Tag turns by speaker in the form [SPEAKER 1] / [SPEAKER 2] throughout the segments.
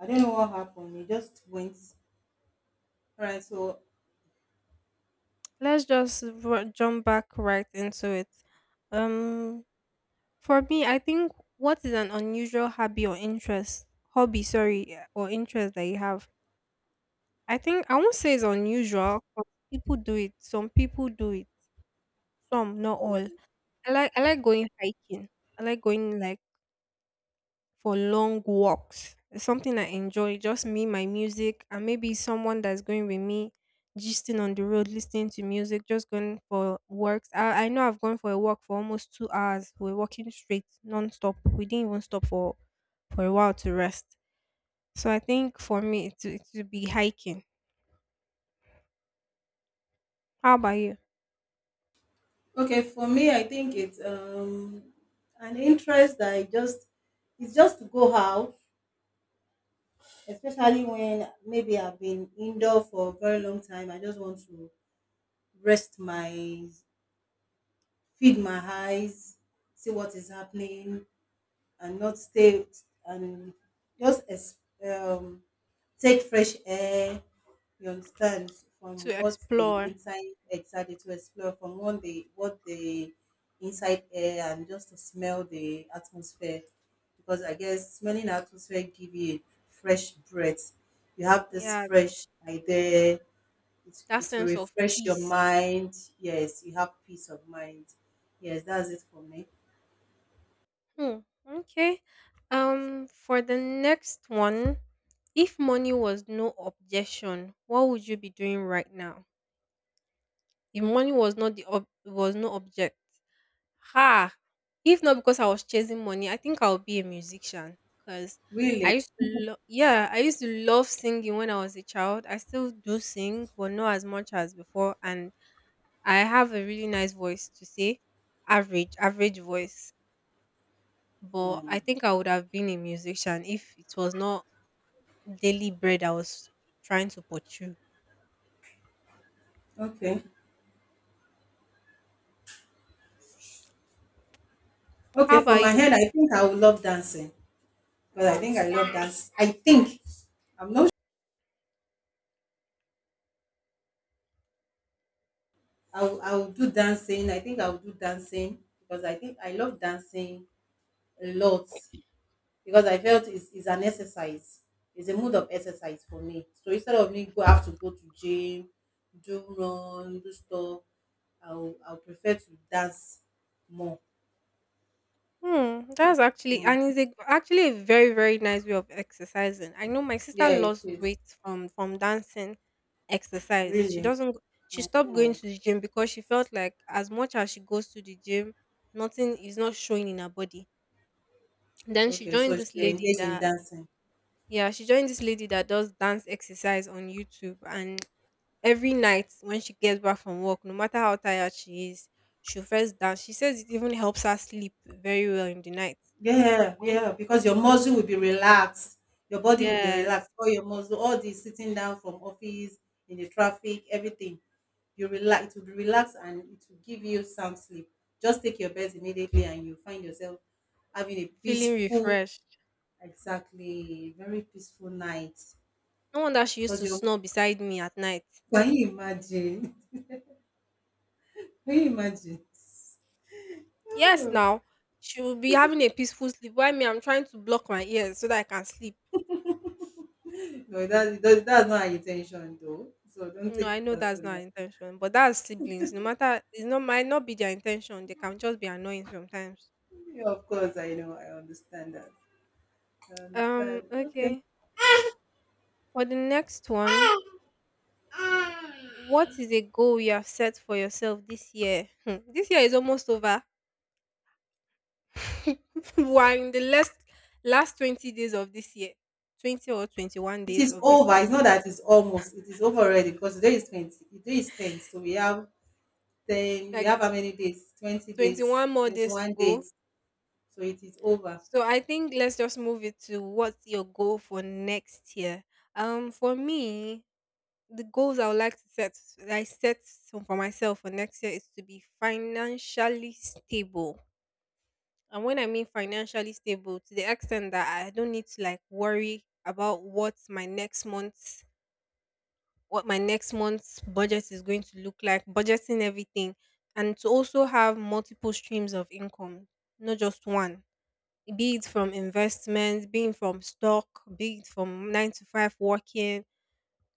[SPEAKER 1] I don't know what happened. It just went. All right. So
[SPEAKER 2] Jump back right into it. Um, for me, I think what is an unusual hobby or interest, hobby, sorry, or interest that you have? I think I won't say it's unusual, 'cause people do it. Some people do it. Some, not all.
[SPEAKER 1] okay.
[SPEAKER 2] I like going hiking. I like going, like, for long walks. It's something I enjoy, just me, my music, and maybe someone that's going with me, gisting on the road, listening to music, just going for walks. I know I've gone for a walk for almost 2 hours. We're walking straight, non-stop. We didn't even stop for a while to rest. So I think for me, it would be hiking. How about you?
[SPEAKER 1] Okay. For me, I think it's an interest that I just, it's just to go out, especially when maybe I've been indoor for a very long time. I just want to rest my feed my eyes, see what is happening, and not stay, and just ex- um take fresh air, you understand,
[SPEAKER 2] To
[SPEAKER 1] from what the
[SPEAKER 2] explore.
[SPEAKER 1] inside, excited to explore from what the inside air, and just to smell the atmosphere because I guess smelling atmosphere give you a fresh breath. You have this
[SPEAKER 2] Yeah,
[SPEAKER 1] fresh idea. It,
[SPEAKER 2] that
[SPEAKER 1] it will
[SPEAKER 2] sense of
[SPEAKER 1] refresh your
[SPEAKER 2] peace.
[SPEAKER 1] mind. Yes, you have peace of mind. Yes, that's it for me.
[SPEAKER 2] Hmm. Okay. For the next one, if money was no objection, what would you be doing right now? If money was not the was no object, ha! If not because I was chasing money, I think I would be a musician. Cause I
[SPEAKER 1] Really?
[SPEAKER 2] used yeah, I used to love singing when I was a child. I still do sing, but not as much as before. And I have a really nice voice average, average voice. But I think I would have been a musician if it was not daily bread I was trying to pursue.
[SPEAKER 1] Okay.
[SPEAKER 2] How
[SPEAKER 1] Okay, for
[SPEAKER 2] about
[SPEAKER 1] my
[SPEAKER 2] you?
[SPEAKER 1] head, I think I would love dancing. Because I think I love dance. I think I'm not, I will do dancing. I think I will do dancing because I think I love dancing a lot because I felt it's an exercise. It's a mode of exercise for me. So instead of me go have to go to gym, do run, do stuff, I'll prefer to dance more.
[SPEAKER 2] Hmm, that's actually,
[SPEAKER 1] Mm.
[SPEAKER 2] and it's a, actually a very nice way of exercising. I know my sister
[SPEAKER 1] Yeah, it
[SPEAKER 2] lost
[SPEAKER 1] is
[SPEAKER 2] weight from dancing exercise. She
[SPEAKER 1] really.
[SPEAKER 2] doesn't go- She stopped going
[SPEAKER 1] Mhm.
[SPEAKER 2] to the gym because she felt like as much as she goes to the gym, nothing is not showing in her body. Then she
[SPEAKER 1] Okay,
[SPEAKER 2] joined
[SPEAKER 1] so
[SPEAKER 2] this
[SPEAKER 1] she
[SPEAKER 2] lady
[SPEAKER 1] engaged in
[SPEAKER 2] that
[SPEAKER 1] dancing.
[SPEAKER 2] Yeah, she joined this lady that does dance exercise on YouTube, and every night when she gets back from work, no matter how tired she is, she'll first dance. She says it even helps her sleep very well in the night.
[SPEAKER 1] Yeah,
[SPEAKER 2] When-
[SPEAKER 1] yeah, because your muscle will be relaxed, your body will be
[SPEAKER 2] yes,
[SPEAKER 1] relaxed, all your muscle, all the sitting down from office, in the traffic, everything. You relax, it will be relaxed and it will give you sound sleep. Just take your bed immediately and you find yourself having a
[SPEAKER 2] feeling
[SPEAKER 1] peaceful,
[SPEAKER 2] refreshed.
[SPEAKER 1] exactly, very peaceful night.
[SPEAKER 2] No wonder she used
[SPEAKER 1] Because
[SPEAKER 2] to
[SPEAKER 1] your
[SPEAKER 2] snore beside me at night.
[SPEAKER 1] can you imagine? Can you imagine?
[SPEAKER 2] Yes, now she will be having a peaceful sleep. Why me? I'm trying to block my ears so that I can sleep.
[SPEAKER 1] Oh, no, that's not our intention though. So don't
[SPEAKER 2] No,
[SPEAKER 1] take
[SPEAKER 2] I
[SPEAKER 1] it
[SPEAKER 2] know that's not her
[SPEAKER 1] personal.
[SPEAKER 2] intention, but that's siblings. No matter, it's not, might not be their intention. They can just be annoying sometimes.
[SPEAKER 1] Yeah, of course, I know, I understand that. I understand. Okay.
[SPEAKER 2] Okay. For the next one, what is a goal you have set for yourself this year? Hmm, this year is almost over. We are in the last 20 days of this year. 20 or 21
[SPEAKER 1] It
[SPEAKER 2] days
[SPEAKER 1] is
[SPEAKER 2] of this
[SPEAKER 1] over.
[SPEAKER 2] year.
[SPEAKER 1] It's not that it's almost. It is over already because today is 20. Today is 10. So we have 10. We
[SPEAKER 2] Like
[SPEAKER 1] have how many days? 20 days,
[SPEAKER 2] 21 more days to
[SPEAKER 1] 21
[SPEAKER 2] go.
[SPEAKER 1] days. So it is over.
[SPEAKER 2] So I think let's just move it to what's your goal for next year. For me, the goals I would like to set some for myself for next year is to be financially stable. And when I mean financially stable, to the extent that I don't need to, like, worry about what my next month's budget is going to look like, budgeting everything, and to also have multiple streams of income, not just one. Be it from investments, being from stock, be it from nine to five working.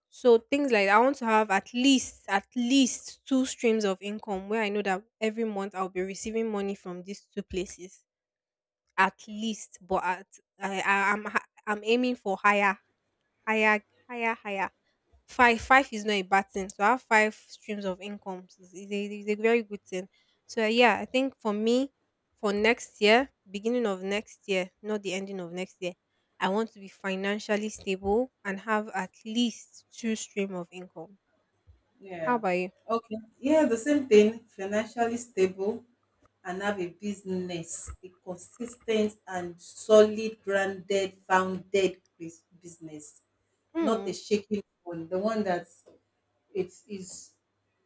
[SPEAKER 2] So things like that. I want to have at least two streams of income where I know that every month I'll be receiving money from these two places. At least, but at I I'm ha- I'm aiming for higher, higher, higher, higher. Five, five is not a bad thing. So I have five streams of incomes is a very good thing. So yeah, I think for me, for next year, beginning of next year, not the ending of next year, I want to be financially stable and have at least two stream of income. How
[SPEAKER 1] Yeah.
[SPEAKER 2] about you?
[SPEAKER 1] Okay. Yeah, the same thing. Financially stable and have a business, a consistent and solid, branded, founded business, not a
[SPEAKER 2] Hmm.
[SPEAKER 1] shaking one. The one that it is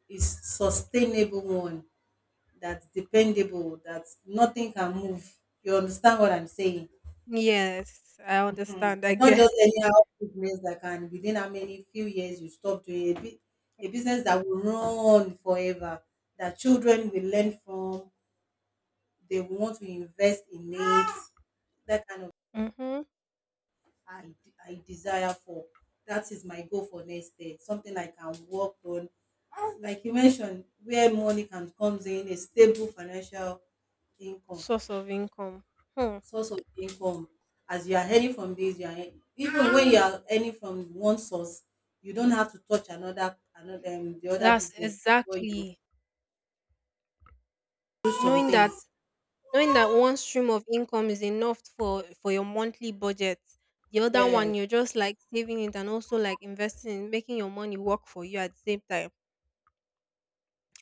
[SPEAKER 1] is sustainable one, that's dependable, that nothing can move. You understand what I'm saying?
[SPEAKER 2] Yes, I
[SPEAKER 1] Mhm.
[SPEAKER 2] understand. I
[SPEAKER 1] Not
[SPEAKER 2] get.
[SPEAKER 1] just anyhow business that can within how many few years you stop doing a business that will run forever, that children will learn from, they will want to invest in it. That kind of,
[SPEAKER 2] Mm-hmm.
[SPEAKER 1] I, I desire for. That is my goal for next day. Something I can work on. Like you mentioned, where money can comes in, a stable financial income.
[SPEAKER 2] Source of income. Hmm.
[SPEAKER 1] Source of income, as you are earning from this, you are earn even when you are earning from one source, you don't have to touch another another the other
[SPEAKER 2] That's
[SPEAKER 1] business before you
[SPEAKER 2] exactly
[SPEAKER 1] do some
[SPEAKER 2] knowing that
[SPEAKER 1] things.
[SPEAKER 2] knowing that one stream of income is enough for your monthly budget. The other one
[SPEAKER 1] Yeah,
[SPEAKER 2] you're just like saving it and also like investing in making your money work for you at the same time.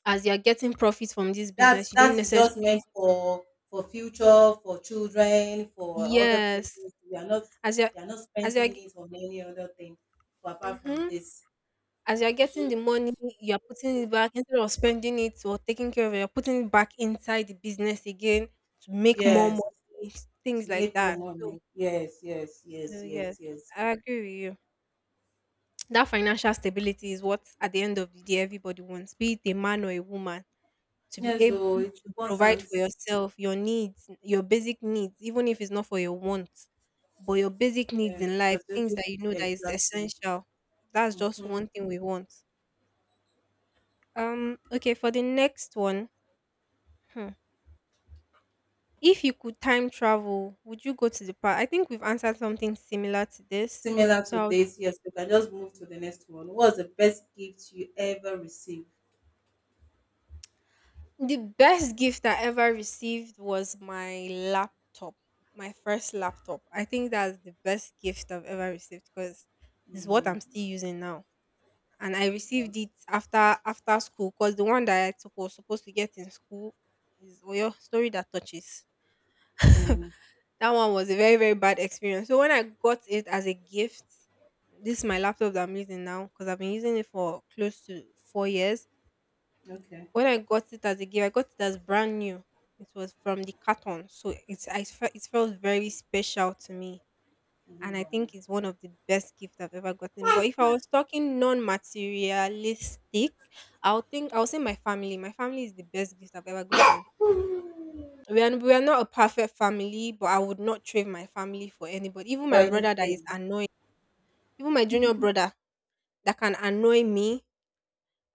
[SPEAKER 2] As you're getting profit from this
[SPEAKER 1] that
[SPEAKER 2] business, you don't
[SPEAKER 1] that is just meant
[SPEAKER 2] necessarily
[SPEAKER 1] for future, for children, for other
[SPEAKER 2] yes.
[SPEAKER 1] business, you are not,
[SPEAKER 2] As you're
[SPEAKER 1] you are not
[SPEAKER 2] as you're
[SPEAKER 1] spending it on any other thing apart from
[SPEAKER 2] Mm-hmm,
[SPEAKER 1] this.
[SPEAKER 2] as you're getting the money, you're putting it back instead of spending it or taking care of it, you're putting it back inside the business again to make more
[SPEAKER 1] Yes,
[SPEAKER 2] money,
[SPEAKER 1] to
[SPEAKER 2] things like
[SPEAKER 1] make more
[SPEAKER 2] that.
[SPEAKER 1] money. Yes, yes, yes,
[SPEAKER 2] So yes,
[SPEAKER 1] yes, yes,
[SPEAKER 2] I agree with you, that financial stability is what at the end of the day everybody wants, be it a man or a woman, to be
[SPEAKER 1] yes,
[SPEAKER 2] able
[SPEAKER 1] so it's
[SPEAKER 2] to provide
[SPEAKER 1] important.
[SPEAKER 2] for yourself, your needs, your basic needs, even if it's not for your wants, but your basic needs
[SPEAKER 1] Yes,
[SPEAKER 2] in life, things
[SPEAKER 1] specific,
[SPEAKER 2] that you know that is
[SPEAKER 1] exactly.
[SPEAKER 2] essential. That's just
[SPEAKER 1] Hmm.
[SPEAKER 2] one thing we want. Okay, for the next one, hmm, if you could time travel, would you go to the past? I think we've answered something similar to this.
[SPEAKER 1] Similar to
[SPEAKER 2] So
[SPEAKER 1] this, yes, we can just move to the next one. What's the best gift you ever received?
[SPEAKER 2] the best gift I ever received was my laptop, my first laptop. I think that's the best gift I've ever received because it's what I'm still using now. And I
[SPEAKER 1] Okay.
[SPEAKER 2] received it after, after school, because the one that I took was supposed to get in school is your story that touches.
[SPEAKER 1] Mm,
[SPEAKER 2] That one was a very bad experience. So when I got it as a gift, this is my laptop that I'm using now because I've been using it for close to 4 years.
[SPEAKER 1] okay.
[SPEAKER 2] When I got it as a gift, I got it as brand new. It was from the carton, so it's I felt it felt very special to me, and I think it's one of the best gifts I've ever gotten. But if I was talking non-materialistic, I'll say my family. My family is the best gift I've ever gotten. We are not a perfect family, but I would not trade my family for anybody. Even
[SPEAKER 1] For
[SPEAKER 2] my brother that is
[SPEAKER 1] anything.
[SPEAKER 2] annoying, even my junior brother that can annoy me,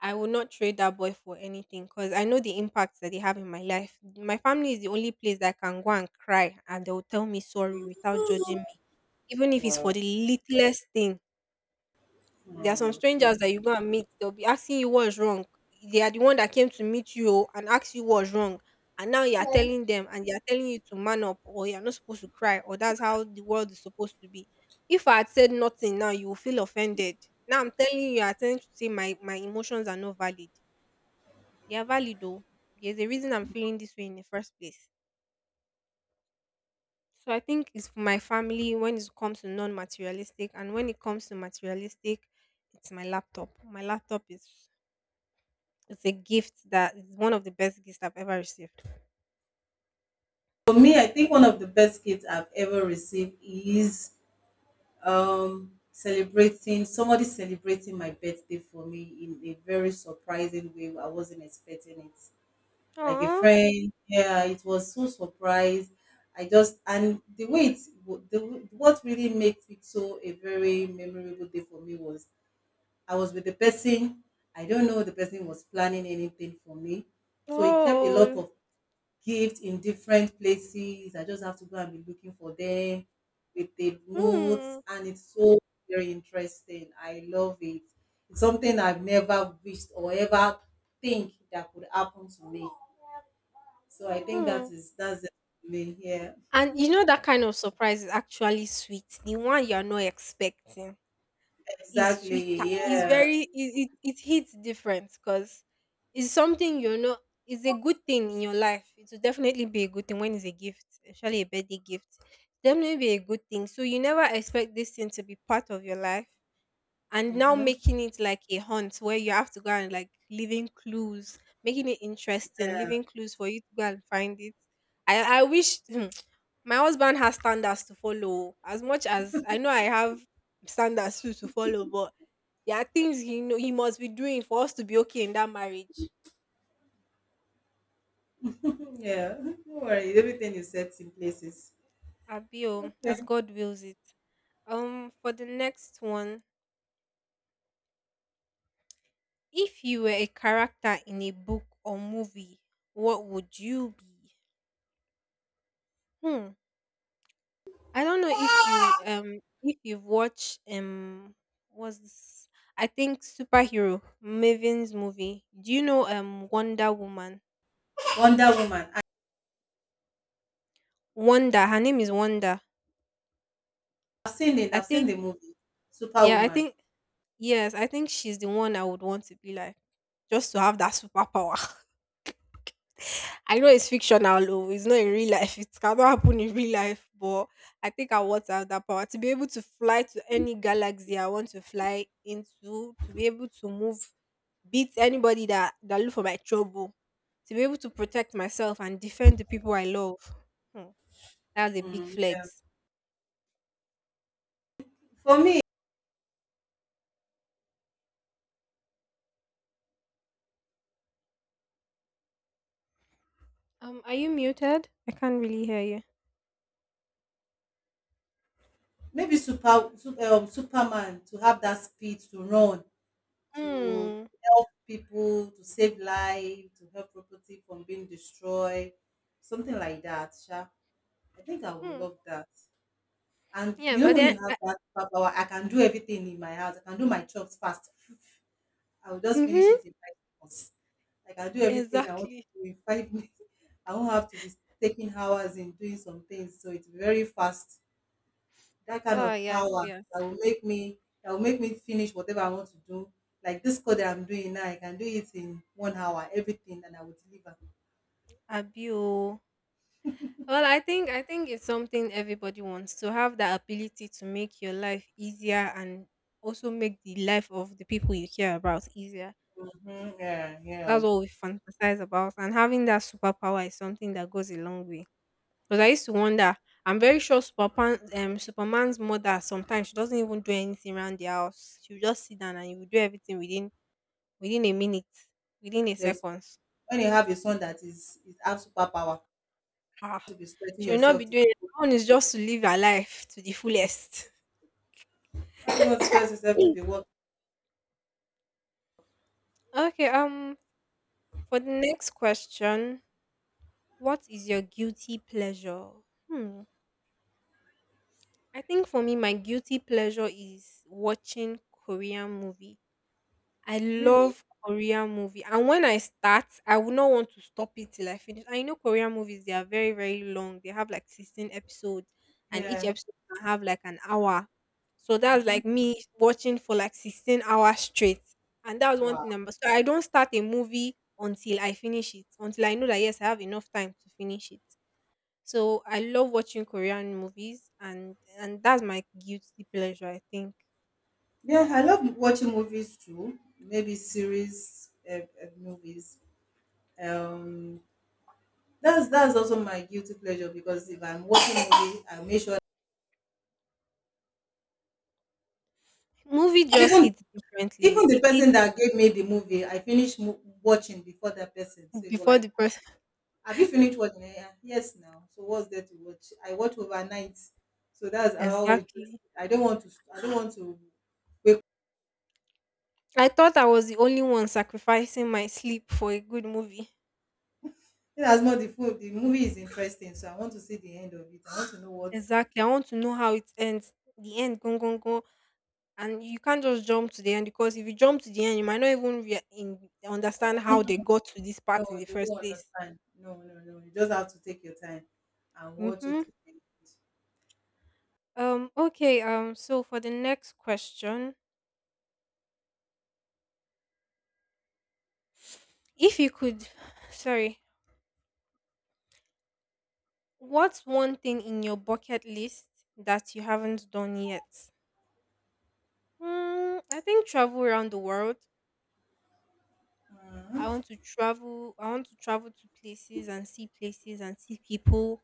[SPEAKER 2] I will not trade that boy for anything because I know the impacts that they have in my life. My family is the only place that I can go and cry and they'll tell me sorry without judging me. Even if it's for
[SPEAKER 1] Wow.
[SPEAKER 2] the littlest thing. There are some strangers that you go and meet, they'll be asking you what's wrong. They are the one that came to meet you, oh, and asked you what's wrong. And now you are telling them and they are telling you to man up or you're not supposed to cry or that's how the world is supposed to be. If I had said nothing now, you will feel offended. Now I'm telling you, you're telling to my emotions are not valid, they are valid though. There's a reason I'm feeling this way in the first place. So I think it's for my family when it comes to non materialistic, and when it comes to materialistic, it's my laptop. My laptop is It's a gift that is one of the best gifts I've ever received.
[SPEAKER 1] For me, I think one of the best gifts I've ever received is celebrating somebody, celebrating my birthday for me in a very surprising way. I wasn't expecting it. Like a
[SPEAKER 2] Aww.
[SPEAKER 1] friend. Yeah, it was so surprised. I just, and the way it what really makes it so a very memorable day for me was I was with the person. I don't know the person was planning anything for me, so he kept a lot
[SPEAKER 2] Oh.
[SPEAKER 1] of gifts in different places. I just have to go and be looking for them with the notes,
[SPEAKER 2] Hmm.
[SPEAKER 1] and it's so very interesting. I love it. It's something I've never wished or ever think that could happen to me. So I think
[SPEAKER 2] Hmm.
[SPEAKER 1] that is, that's it for me. Yeah,
[SPEAKER 2] And you know that kind of surprise is actually sweet. The one you're not expecting is sweeter.
[SPEAKER 1] exactly.
[SPEAKER 2] It's
[SPEAKER 1] Yeah.
[SPEAKER 2] very, it hits different because it's something you know. It's a good thing in your life. It will definitely be a good thing when it's a gift, especially a birthday gift. Definitely be a good thing. So you never expect this thing to be part of your life, and now
[SPEAKER 1] Mm-hmm.
[SPEAKER 2] making it like a hunt where you have to go and like leaving clues, making it interesting, leaving clues for you to go and find it. I wish my husband has standards to follow. As much as I know, I have standards too to follow, but there are things he know he must be doing for us to be okay in that marriage.
[SPEAKER 1] Yeah. Don't worry. Everything is set in places.
[SPEAKER 2] Abio,
[SPEAKER 1] Okay.
[SPEAKER 2] as God wills it. For the next one, if you were a character in a book or movie, what would you be? Hmm. I don't know if you, if you've watched, was this? I think superhero Maven's movie. Do you know, Wonder Woman?
[SPEAKER 1] Wonder Woman.
[SPEAKER 2] Wonder, her name is Wonder.
[SPEAKER 1] I've seen it.
[SPEAKER 2] I
[SPEAKER 1] I've seen
[SPEAKER 2] think
[SPEAKER 1] the movie.
[SPEAKER 2] yeah, I
[SPEAKER 1] Superwoman.
[SPEAKER 2] think Yes, I think she's the one I would want to be like, just to have that superpower. I know it's fictional, though. It's not in real life. It cannot happen in real life, but I think I want to have that power to be able to fly to any galaxy I want to fly into, to be able to move, beat anybody that look for my trouble, to be able to protect myself and defend the people I love. Hmm, that's a big
[SPEAKER 1] Mm, yeah.
[SPEAKER 2] flex.
[SPEAKER 1] For me,
[SPEAKER 2] Are you muted? I can't really hear you.
[SPEAKER 1] maybe Superman to have that speed to run to
[SPEAKER 2] Hmm.
[SPEAKER 1] people, to save life, to help property from being destroyed, something like that. Sha. I think I would
[SPEAKER 2] Hmm.
[SPEAKER 1] love that. And
[SPEAKER 2] Yes,
[SPEAKER 1] you know
[SPEAKER 2] and
[SPEAKER 1] when you
[SPEAKER 2] then
[SPEAKER 1] have
[SPEAKER 2] I,
[SPEAKER 1] that superpower, I can do everything in my house. I can do my jobs fast. I will just finish
[SPEAKER 2] mhm.
[SPEAKER 1] it in 5 minutes. I can do everything I want
[SPEAKER 2] Exactly.
[SPEAKER 1] to do in five minutes. I won't have to be taking hours in doing some things. So it's very fast. That kind
[SPEAKER 2] Ah,
[SPEAKER 1] of
[SPEAKER 2] yes,
[SPEAKER 1] power
[SPEAKER 2] yes.
[SPEAKER 1] that will make me, that will make me finish whatever I want to do. Like this code that I'm doing now, I can do it in 1 hour, everything, and I will deliver.
[SPEAKER 2] Abio. Well, I think it's something everybody wants to have that ability to make your life easier and also make the life of the people you care about easier.
[SPEAKER 1] Mhm, yeah, yeah.
[SPEAKER 2] That's what we fantasize about, and having that superpower is something that goes a long way. Because I used to wonder, I'm very sure Superman's mother sometimes she doesn't even do anything around the house. She will just sit down and he will do everything within a minute, within a
[SPEAKER 1] There's
[SPEAKER 2] second.
[SPEAKER 1] when you have a son that is have superpower,
[SPEAKER 2] Ah,
[SPEAKER 1] to be stretching
[SPEAKER 2] she will not be
[SPEAKER 1] yourself to.
[SPEAKER 2] doing it. One is just to live her life to the fullest.
[SPEAKER 1] Why motivate yourself to
[SPEAKER 2] Mm.
[SPEAKER 1] be work?
[SPEAKER 2] Okay, for the next question, what is your guilty pleasure? Hmm. I think for me, my guilty pleasure is watching Korean movie. I
[SPEAKER 1] Really?
[SPEAKER 2] love Korean movie, and when I start, I would not want to stop it till I finish. I know, Korean movies they are very very long. They have like 16 episodes, and each
[SPEAKER 1] Yeah.
[SPEAKER 2] episode can have like an hour. So that's
[SPEAKER 1] Mhm.
[SPEAKER 2] like me watching for like 16 hours straight, and that was one
[SPEAKER 1] Wow.
[SPEAKER 2] thing. Number so I don't start a movie until I finish it, until I know that yes, I have enough time to finish it. So I love watching Korean movies, and that's my guilty pleasure. I think
[SPEAKER 1] Yeah, I love watching movies too. Maybe series, movies. Um, that's also my guilty pleasure because if I'm watching a movie, I make sure
[SPEAKER 2] movie just hits differently.
[SPEAKER 1] even the
[SPEAKER 2] It hits.
[SPEAKER 1] person that gave me the movie, I finish watching before that person. So you're
[SPEAKER 2] Before
[SPEAKER 1] like,
[SPEAKER 2] the person.
[SPEAKER 1] "Have you finished watching it?" "Yeah." Yes, now. So what's there to watch? I watch overnight, so that's how interested.
[SPEAKER 2] Exactly.
[SPEAKER 1] I don't want to. I don't want to wake.
[SPEAKER 2] I thought I was the only one sacrificing my sleep for a good movie.
[SPEAKER 1] Even as much the food, the movie is interesting, so I want to see the end of it. I want to know what.
[SPEAKER 2] Exactly. I want to know how it ends. The end, go, go, go. And you can't just jump to the end because if you jump to the end, you might not even understand how they got to this
[SPEAKER 1] No,
[SPEAKER 2] part in the
[SPEAKER 1] you
[SPEAKER 2] first
[SPEAKER 1] don't
[SPEAKER 2] place.
[SPEAKER 1] understand. No, no, no. You just have to take your time and watch it
[SPEAKER 2] Mm-hmm.
[SPEAKER 1] to the.
[SPEAKER 2] Okay. So for the next question, if you could, sorry, what's one thing in your bucket list that you haven't done yet? Mm, I think travel around the world. I want to travel. I want to travel to places and see people,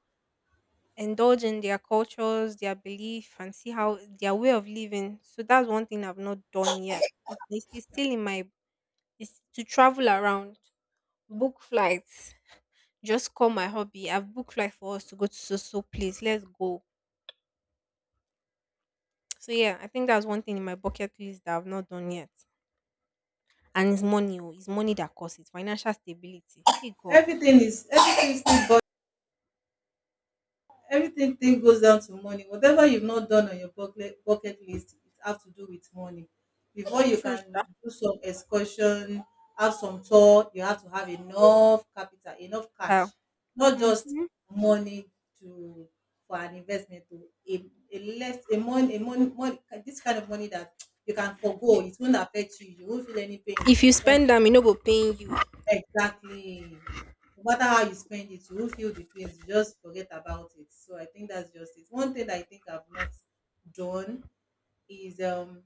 [SPEAKER 2] indulge in their cultures, their belief, and see how their way of living. So that's one thing I've not done yet. It's still in my. It's to travel around, book flights. Just call my hobby. I've booked flight for us to go to so place. Let's go. So yeah, I think that's one thing in my bucket list that I've not done yet. And it's money. Oh, it's money that costs. It's financial stability. Hey God.
[SPEAKER 1] Everything is, everything still, everything thing goes down to money. Whatever you've not done on your bucket list, it have to do with money. Before you
[SPEAKER 2] True
[SPEAKER 1] can
[SPEAKER 2] sha.
[SPEAKER 1] do some excursion, have some tour, you have to have enough capital, enough
[SPEAKER 2] Style.
[SPEAKER 1] cash, not just
[SPEAKER 2] Mhm.
[SPEAKER 1] money, to for an investment to a, a less a money, money, this kind of money that you can
[SPEAKER 2] If,
[SPEAKER 1] forgo. It won't affect you. You won't feel any pain.
[SPEAKER 2] if you spend them, you no go paying you.
[SPEAKER 1] Exactly. No matter how you spend it, you will feel the pains. You just forget about it. So I think that's just it. One thing that I think I've not done is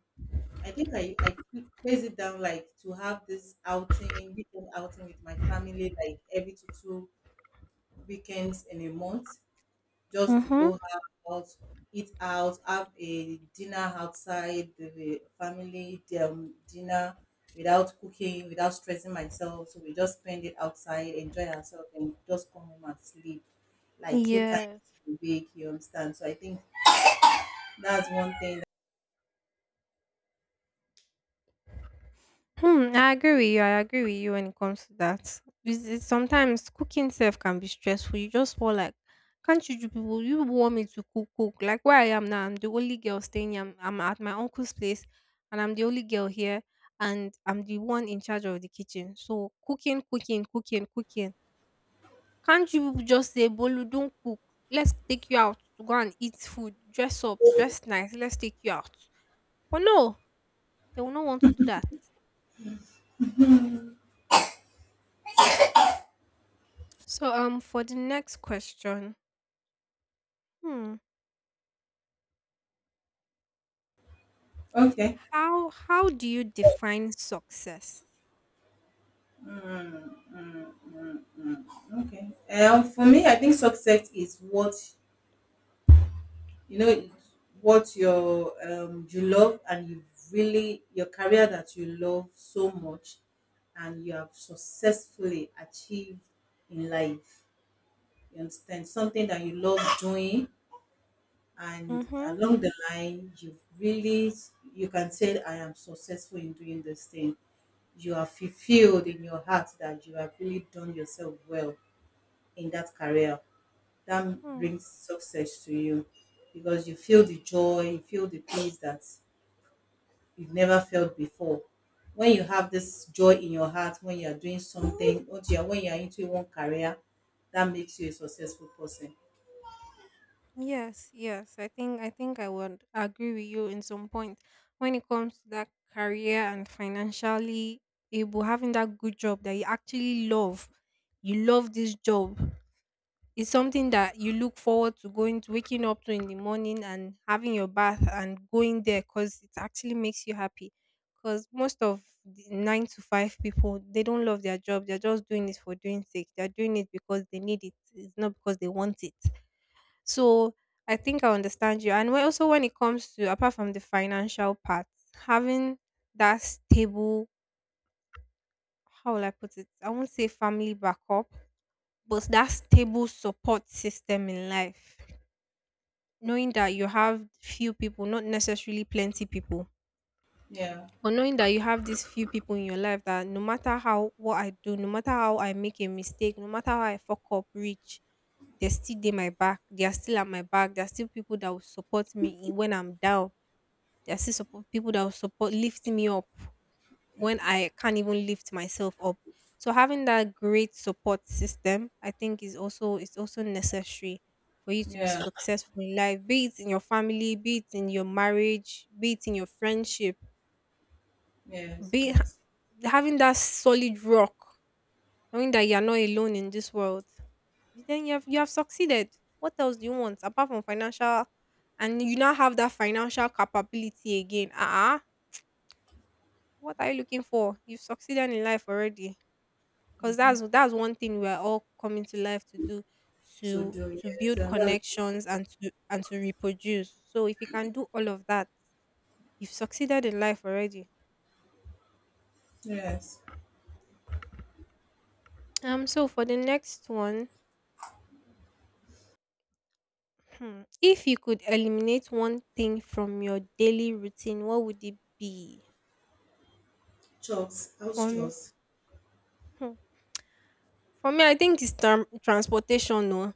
[SPEAKER 1] I think I place it down like to have this outing, weekend outing with my family like every two weekends in a month, just to
[SPEAKER 2] Mhm.
[SPEAKER 1] go out, eat out, have a dinner outside the family dinner without cooking, without stressing myself. So we just spend it outside, enjoy ourselves, and just come home and sleep like two times
[SPEAKER 2] Yes.
[SPEAKER 1] a week. You understand? So I think that's one thing.
[SPEAKER 2] Hmm. I agree with you. I agree with you when it comes to that. It's sometimes cooking self can be stressful. You just feel like, can't you do people? You want me to cook, cook. Like where I am now, I'm the only girl staying here. I'm at my uncle's place, and I'm the only girl here, and I'm the one in charge of the kitchen. So cooking, cooking, cooking, cooking. Can't you just say, Bolu, don't cook. Let's take you out to go and eat food, dress up, dress nice, let's take you out. But no, they will not want to do that. So for the next question, hmm,
[SPEAKER 1] Okay,
[SPEAKER 2] how do you define success?
[SPEAKER 1] okay. For me, I think success is what you know, what your you love and you really, your career that you love so much and you have successfully achieved in life, you understand, something that you love doing, and
[SPEAKER 2] Mm-hmm.
[SPEAKER 1] along the line you've really, you can say I am successful in doing this thing. You are fulfilled in your heart that you have really done yourself well in that career that
[SPEAKER 2] Hmm.
[SPEAKER 1] brings success to you because you feel the joy, you feel the peace that you've never felt before. When you have this joy in your heart, when you are doing something, or you are, when you are into one career, that makes you a successful person.
[SPEAKER 2] Yes, yes. I think I would agree with you in some point when it comes to that career and financially able having that good job that you actually love. You love this job. It's something that you look forward to going to waking up to in the morning and having your bath and going there because it actually makes you happy because most of the nine to five people they don't love their job they're just doing it for doing sake they're doing it because they need it it's not because they want it so I think I understand you and also when it comes to apart from the financial part having that stable how will I put it I won't say family backup but that stable support system in life knowing that you have few people, not necessarily plenty people,
[SPEAKER 1] Yeah,
[SPEAKER 2] but knowing that you have these few people in your life that no matter how what I do, no matter how I make a mistake, no matter how I fuck up, reach, they're still there my back. They are still at my back. There are still people that will support me in- when I'm down. There are still support people that will support lift me up when I can't even lift myself up. So having that great support system, I think is also necessary for you to be
[SPEAKER 1] yeah,
[SPEAKER 2] successful in life, be it in your family, be it in your marriage, be it in your friendship,
[SPEAKER 1] yes,
[SPEAKER 2] be
[SPEAKER 1] yes.
[SPEAKER 2] having that solid rock, knowing that you are not alone in this world. Then you have succeeded. What else do you want apart from financial? And you now have that financial capability again. Ah, uh-uh. What are you looking for? You've succeeded in life already. Cause that's one thing we are all coming to life to do,
[SPEAKER 1] To
[SPEAKER 2] to
[SPEAKER 1] do,
[SPEAKER 2] to
[SPEAKER 1] yes,
[SPEAKER 2] build
[SPEAKER 1] and that's,
[SPEAKER 2] connections and to reproduce. So if you can do all of that, you've succeeded in life already.
[SPEAKER 1] yes.
[SPEAKER 2] So for the next one, hmm, if you could eliminate one thing from your daily routine, what would it be?
[SPEAKER 1] Jobs, house
[SPEAKER 2] For me,
[SPEAKER 1] jobs.
[SPEAKER 2] hmm, for me, I think it's transportation. No.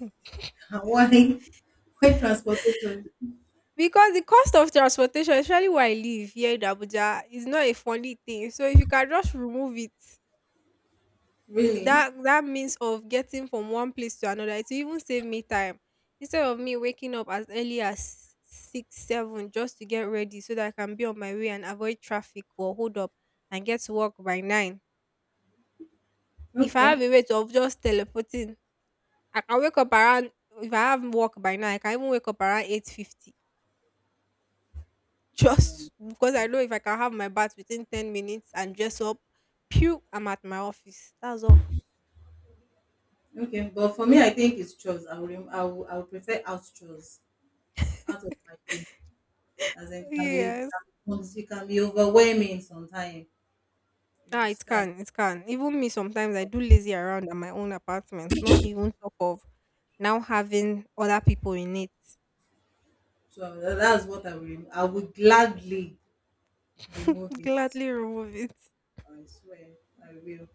[SPEAKER 1] Why, why transportation?
[SPEAKER 2] Because the cost of transportation, especially where I live here in Abuja, is not a funny thing. So if you can just remove it,
[SPEAKER 1] Really?
[SPEAKER 2] that that means of getting from one place to another it will even save me time instead of me waking up as early as 6, 7 just to get ready so that I can be on my way and avoid traffic or hold up and get to work by nine if I have
[SPEAKER 1] Okay.
[SPEAKER 2] a way to of just teleporting I can wake up around if I have work by nine I can even wake up around 8:50 just because I know if I can have my bath within 10 minutes and dress up pew I'm at my office that's all.
[SPEAKER 1] Okay, but for me, I think it's chores. I would prefer out chores, out of my day. As in,
[SPEAKER 2] Yes.
[SPEAKER 1] it can be overwhelming sometimes. You
[SPEAKER 2] Ah, it
[SPEAKER 1] understand?
[SPEAKER 2] can, it can. Even me sometimes I do lazy around at my own apartment, not even talk of now having other people in it.
[SPEAKER 1] So
[SPEAKER 2] It's
[SPEAKER 1] that's what I will. I will gladly remove it.
[SPEAKER 2] gladly remove it.
[SPEAKER 1] I swear, I will.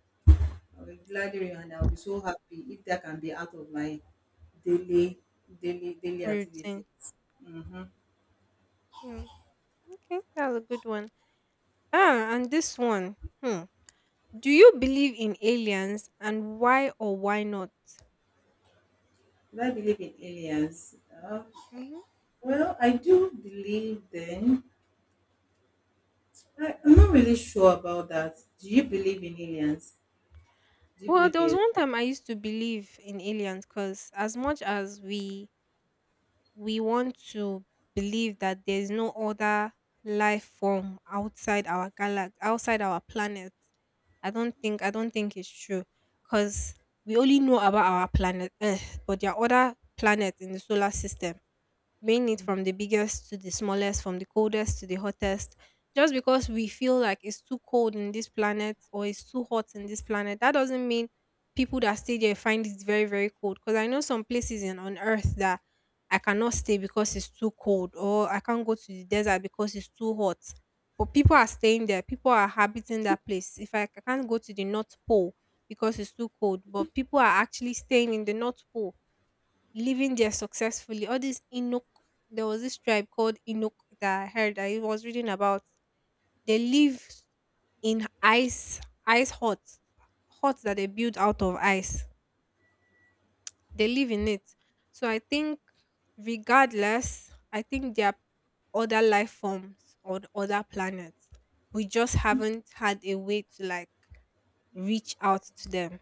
[SPEAKER 1] I will gladly remove, and I'll be so happy if that can be out of my daily, daily
[SPEAKER 2] Routine.
[SPEAKER 1] activities. Mm-hmm.
[SPEAKER 2] Mm, okay, that's a good one. Ah, and this one. Hmm. Do you believe in aliens and why or why not?
[SPEAKER 1] Do I believe in aliens? Uh,
[SPEAKER 2] Hmm.
[SPEAKER 1] well, I do believe then. I'm not really sure about that. Do you believe in aliens? Do you
[SPEAKER 2] Well,
[SPEAKER 1] believe
[SPEAKER 2] there was
[SPEAKER 1] there.
[SPEAKER 2] one time I used to believe in aliens because as much as we want to believe that there's no other life form outside our galaxy outside our planet I don't think it's true because we only know about our planet earth but there are other planets in the solar system being it from the biggest to the smallest, from the coldest to the hottest. Just because we feel like it's too cold in this planet or it's too hot in this planet, that doesn't mean people that stay there find it very, very cold. Because I know some places in on Earth that I cannot stay because it's too cold, or I can't go to the desert because it's too hot. But people are staying there, people are habiting that place. If I, I can't go to the North Pole because it's too cold, but people are actually staying in the North Pole living there successfully. All these Inuk, there was this tribe called Inuk that I heard I was reading about. They live in ice, ice huts, huts that they build out of ice. They live in it. So I think, regardless, I think there are other life forms on other planets. We just haven't had a way to like reach out to them.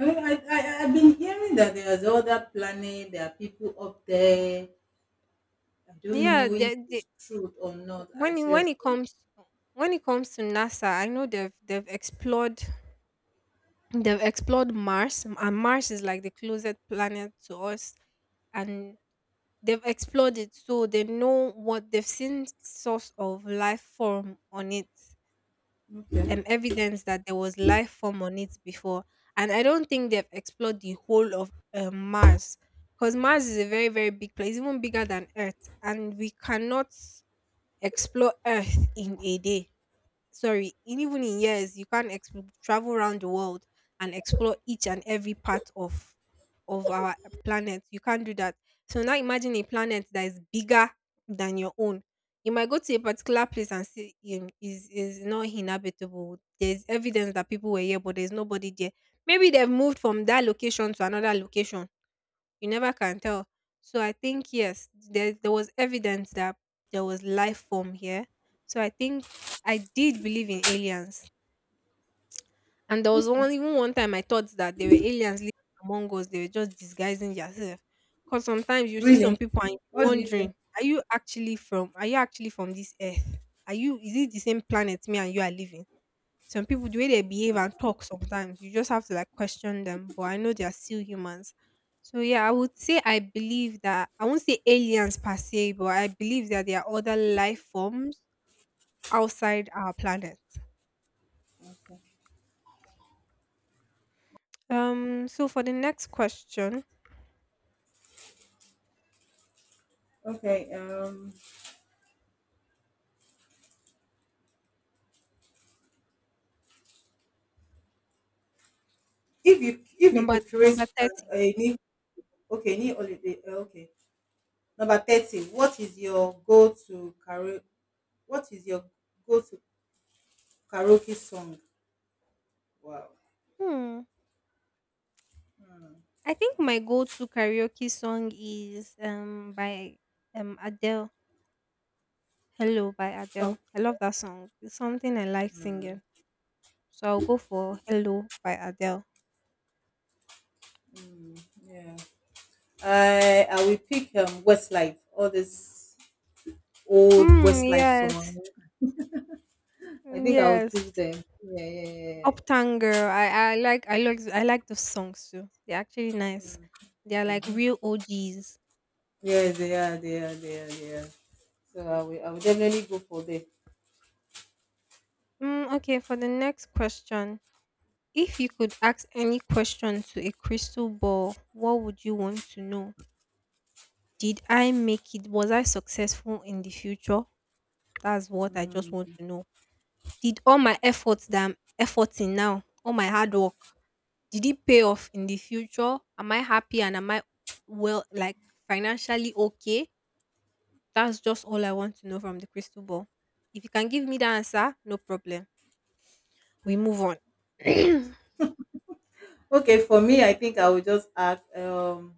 [SPEAKER 1] I mean, I've been hearing that there's other planet, there are people up there. I don't
[SPEAKER 2] Yeah,
[SPEAKER 1] know if
[SPEAKER 2] they,
[SPEAKER 1] it's truth or not. I
[SPEAKER 2] when it, when it
[SPEAKER 1] seriously.
[SPEAKER 2] comes when it comes to NASA, I know they've explored Mars and Mars is like the closest planet to us and they've explored it so they know what they've seen source of life form on it
[SPEAKER 1] Okay.
[SPEAKER 2] and evidence that there was life form on it before and I don't think they've explored the whole of Mars because Mars is a very very big place even bigger than earth and we cannot explore earth in a day sorry, in- even in years, you can't ex- travel around the world and explore each and every part of our planet. You can't do that. So now imagine a planet that is bigger than your own. You might go to a particular place and see is not inhabitable. There's evidence that people were here, but there's nobody there. Maybe they've moved from that location to another location you never can tell. So I think yes, there was evidence that there was life form here. So I think I did believe in aliens. And there was one
[SPEAKER 1] Okay.
[SPEAKER 2] even one time I thought that there were aliens living among us. They were just disguising themselves, because sometimes you see some
[SPEAKER 1] Really?
[SPEAKER 2] people and you're
[SPEAKER 1] What do you say?
[SPEAKER 2] wondering, are you actually from this earth? Are you is it the same planet me and you are living? Some people, the way they behave and talk sometimes, you just have to like question them. But I know they are still humans. So yeah, I would say I believe that I won't say aliens per se, but I believe that there are other life forms outside our planet.
[SPEAKER 1] Okay.
[SPEAKER 2] So for the next question,
[SPEAKER 1] Okay. If you
[SPEAKER 2] number
[SPEAKER 1] could
[SPEAKER 2] number
[SPEAKER 1] create
[SPEAKER 2] 30.
[SPEAKER 1] a new, okay, new holiday, okay, number 30. What is your go to karaoke? What is your go to karaoke song? Wow.
[SPEAKER 2] Hmm.
[SPEAKER 1] Hmm.
[SPEAKER 2] I think my go-to karaoke song is by Adele. Hello by Adele.
[SPEAKER 1] Oh.
[SPEAKER 2] I love that song. It's something I like
[SPEAKER 1] Hmm.
[SPEAKER 2] singing. So I'll go for Hello by Adele.
[SPEAKER 1] Hmm. Yeah. I will pick Westlife. All this old
[SPEAKER 2] Mm,
[SPEAKER 1] Westlife
[SPEAKER 2] yes.
[SPEAKER 1] song. I
[SPEAKER 2] Mm,
[SPEAKER 1] think I will
[SPEAKER 2] yes.
[SPEAKER 1] choose them. Yeah, yeah, yeah. Yeah.
[SPEAKER 2] Uptown girl. I like those songs too. They're actually nice. They're like real OGs.
[SPEAKER 1] Yeah, they are, they are, they are, they are. So I will definitely go for them.
[SPEAKER 2] Mm, okay, for the next question. If you could ask any question to a crystal ball, what would you want to know? Did I make it? Was I successful in the future? That's what I just
[SPEAKER 1] Hmm.
[SPEAKER 2] want to know. Did all my efforts that I'm efforting now, all my hard work, did it pay off in the future? Am I happy and am I well, like financially okay? That's just all I want to know from the crystal ball. If you can give me the answer, no problem. We move on.
[SPEAKER 1] Okay, for me, I think I will just ask,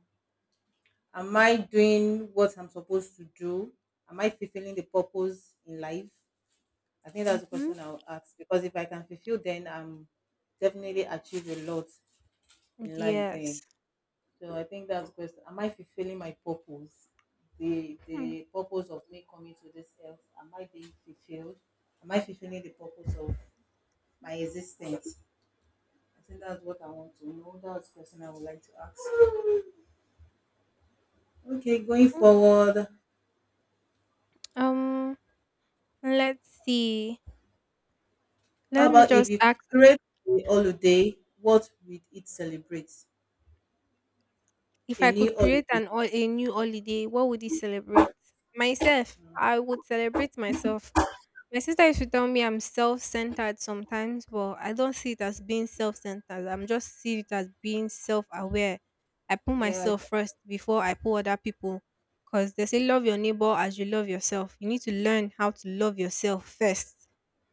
[SPEAKER 1] am I doing what I'm supposed to do? Am I fulfilling the purpose in life? I think that's the
[SPEAKER 2] Mm-hmm.
[SPEAKER 1] question I'll ask because if I can fulfill, then I'm definitely achieve a lot in life. Then.
[SPEAKER 2] Yes.
[SPEAKER 1] So I think that's the question. Am I fulfilling my purpose?
[SPEAKER 2] Mhm.
[SPEAKER 1] The purpose of me coming to this earth. Am I being fulfilled? Am I fulfilling the purpose of my existence? I think that's what I want to know. That's the question I would like to ask. Okay, going forward.
[SPEAKER 2] Um, let's see.
[SPEAKER 1] How
[SPEAKER 2] Let me
[SPEAKER 1] about if
[SPEAKER 2] just
[SPEAKER 1] you
[SPEAKER 2] ask.
[SPEAKER 1] create a holiday, what would it celebrate?
[SPEAKER 2] If
[SPEAKER 1] A
[SPEAKER 2] I could
[SPEAKER 1] new
[SPEAKER 2] create
[SPEAKER 1] holiday.
[SPEAKER 2] an a new holiday, what would it celebrate? Myself. I would celebrate myself. My sister used to tell me I'm self-centered sometimes, but I don't see it as being self-centered. I'm just see it as being self-aware. I put
[SPEAKER 1] Yeah, I think
[SPEAKER 2] myself first before I put other people. Because they say love your neighbor as you love yourself. You need to learn how to love yourself first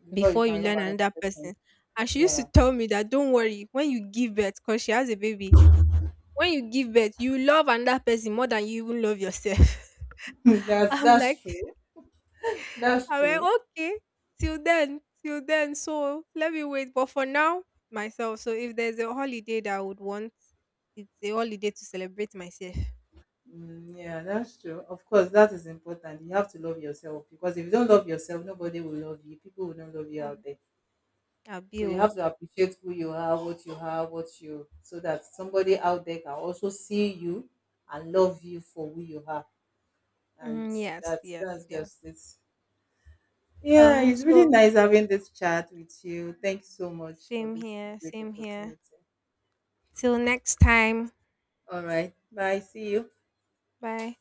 [SPEAKER 1] before you
[SPEAKER 2] before you
[SPEAKER 1] can love
[SPEAKER 2] learn
[SPEAKER 1] another
[SPEAKER 2] another person.
[SPEAKER 1] person.
[SPEAKER 2] And she used to
[SPEAKER 1] Yeah.
[SPEAKER 2] tell me that don't worry when you give birth, because she has a baby when you give birth, you love another person more than you even love yourself.
[SPEAKER 1] that's
[SPEAKER 2] I'm like,
[SPEAKER 1] that's true. That's
[SPEAKER 2] I went,
[SPEAKER 1] true.
[SPEAKER 2] okay, till then, till then. So let me wait. But for now, myself. So if there's a holiday that I would want, it's a holiday to celebrate myself.
[SPEAKER 1] Mm, yeah, that's true. Of course, that is important. You have to love yourself because if you don't love yourself, nobody will love you. People will not love you out
[SPEAKER 2] Ab-
[SPEAKER 1] there. So you
[SPEAKER 2] Abio.
[SPEAKER 1] have to appreciate who you are, what you have, what you, so that somebody out there can also see you and love you for who you are. And
[SPEAKER 2] Mm, yes, yes,
[SPEAKER 1] that's
[SPEAKER 2] yes.
[SPEAKER 1] just it. Yeah, it's really
[SPEAKER 2] So
[SPEAKER 1] nice having this chat with you. Thank you so much for
[SPEAKER 2] same
[SPEAKER 1] this
[SPEAKER 2] here,
[SPEAKER 1] great
[SPEAKER 2] same here.
[SPEAKER 1] opportunity.
[SPEAKER 2] Till next time.
[SPEAKER 1] All right. Bye. See you.
[SPEAKER 2] Bye.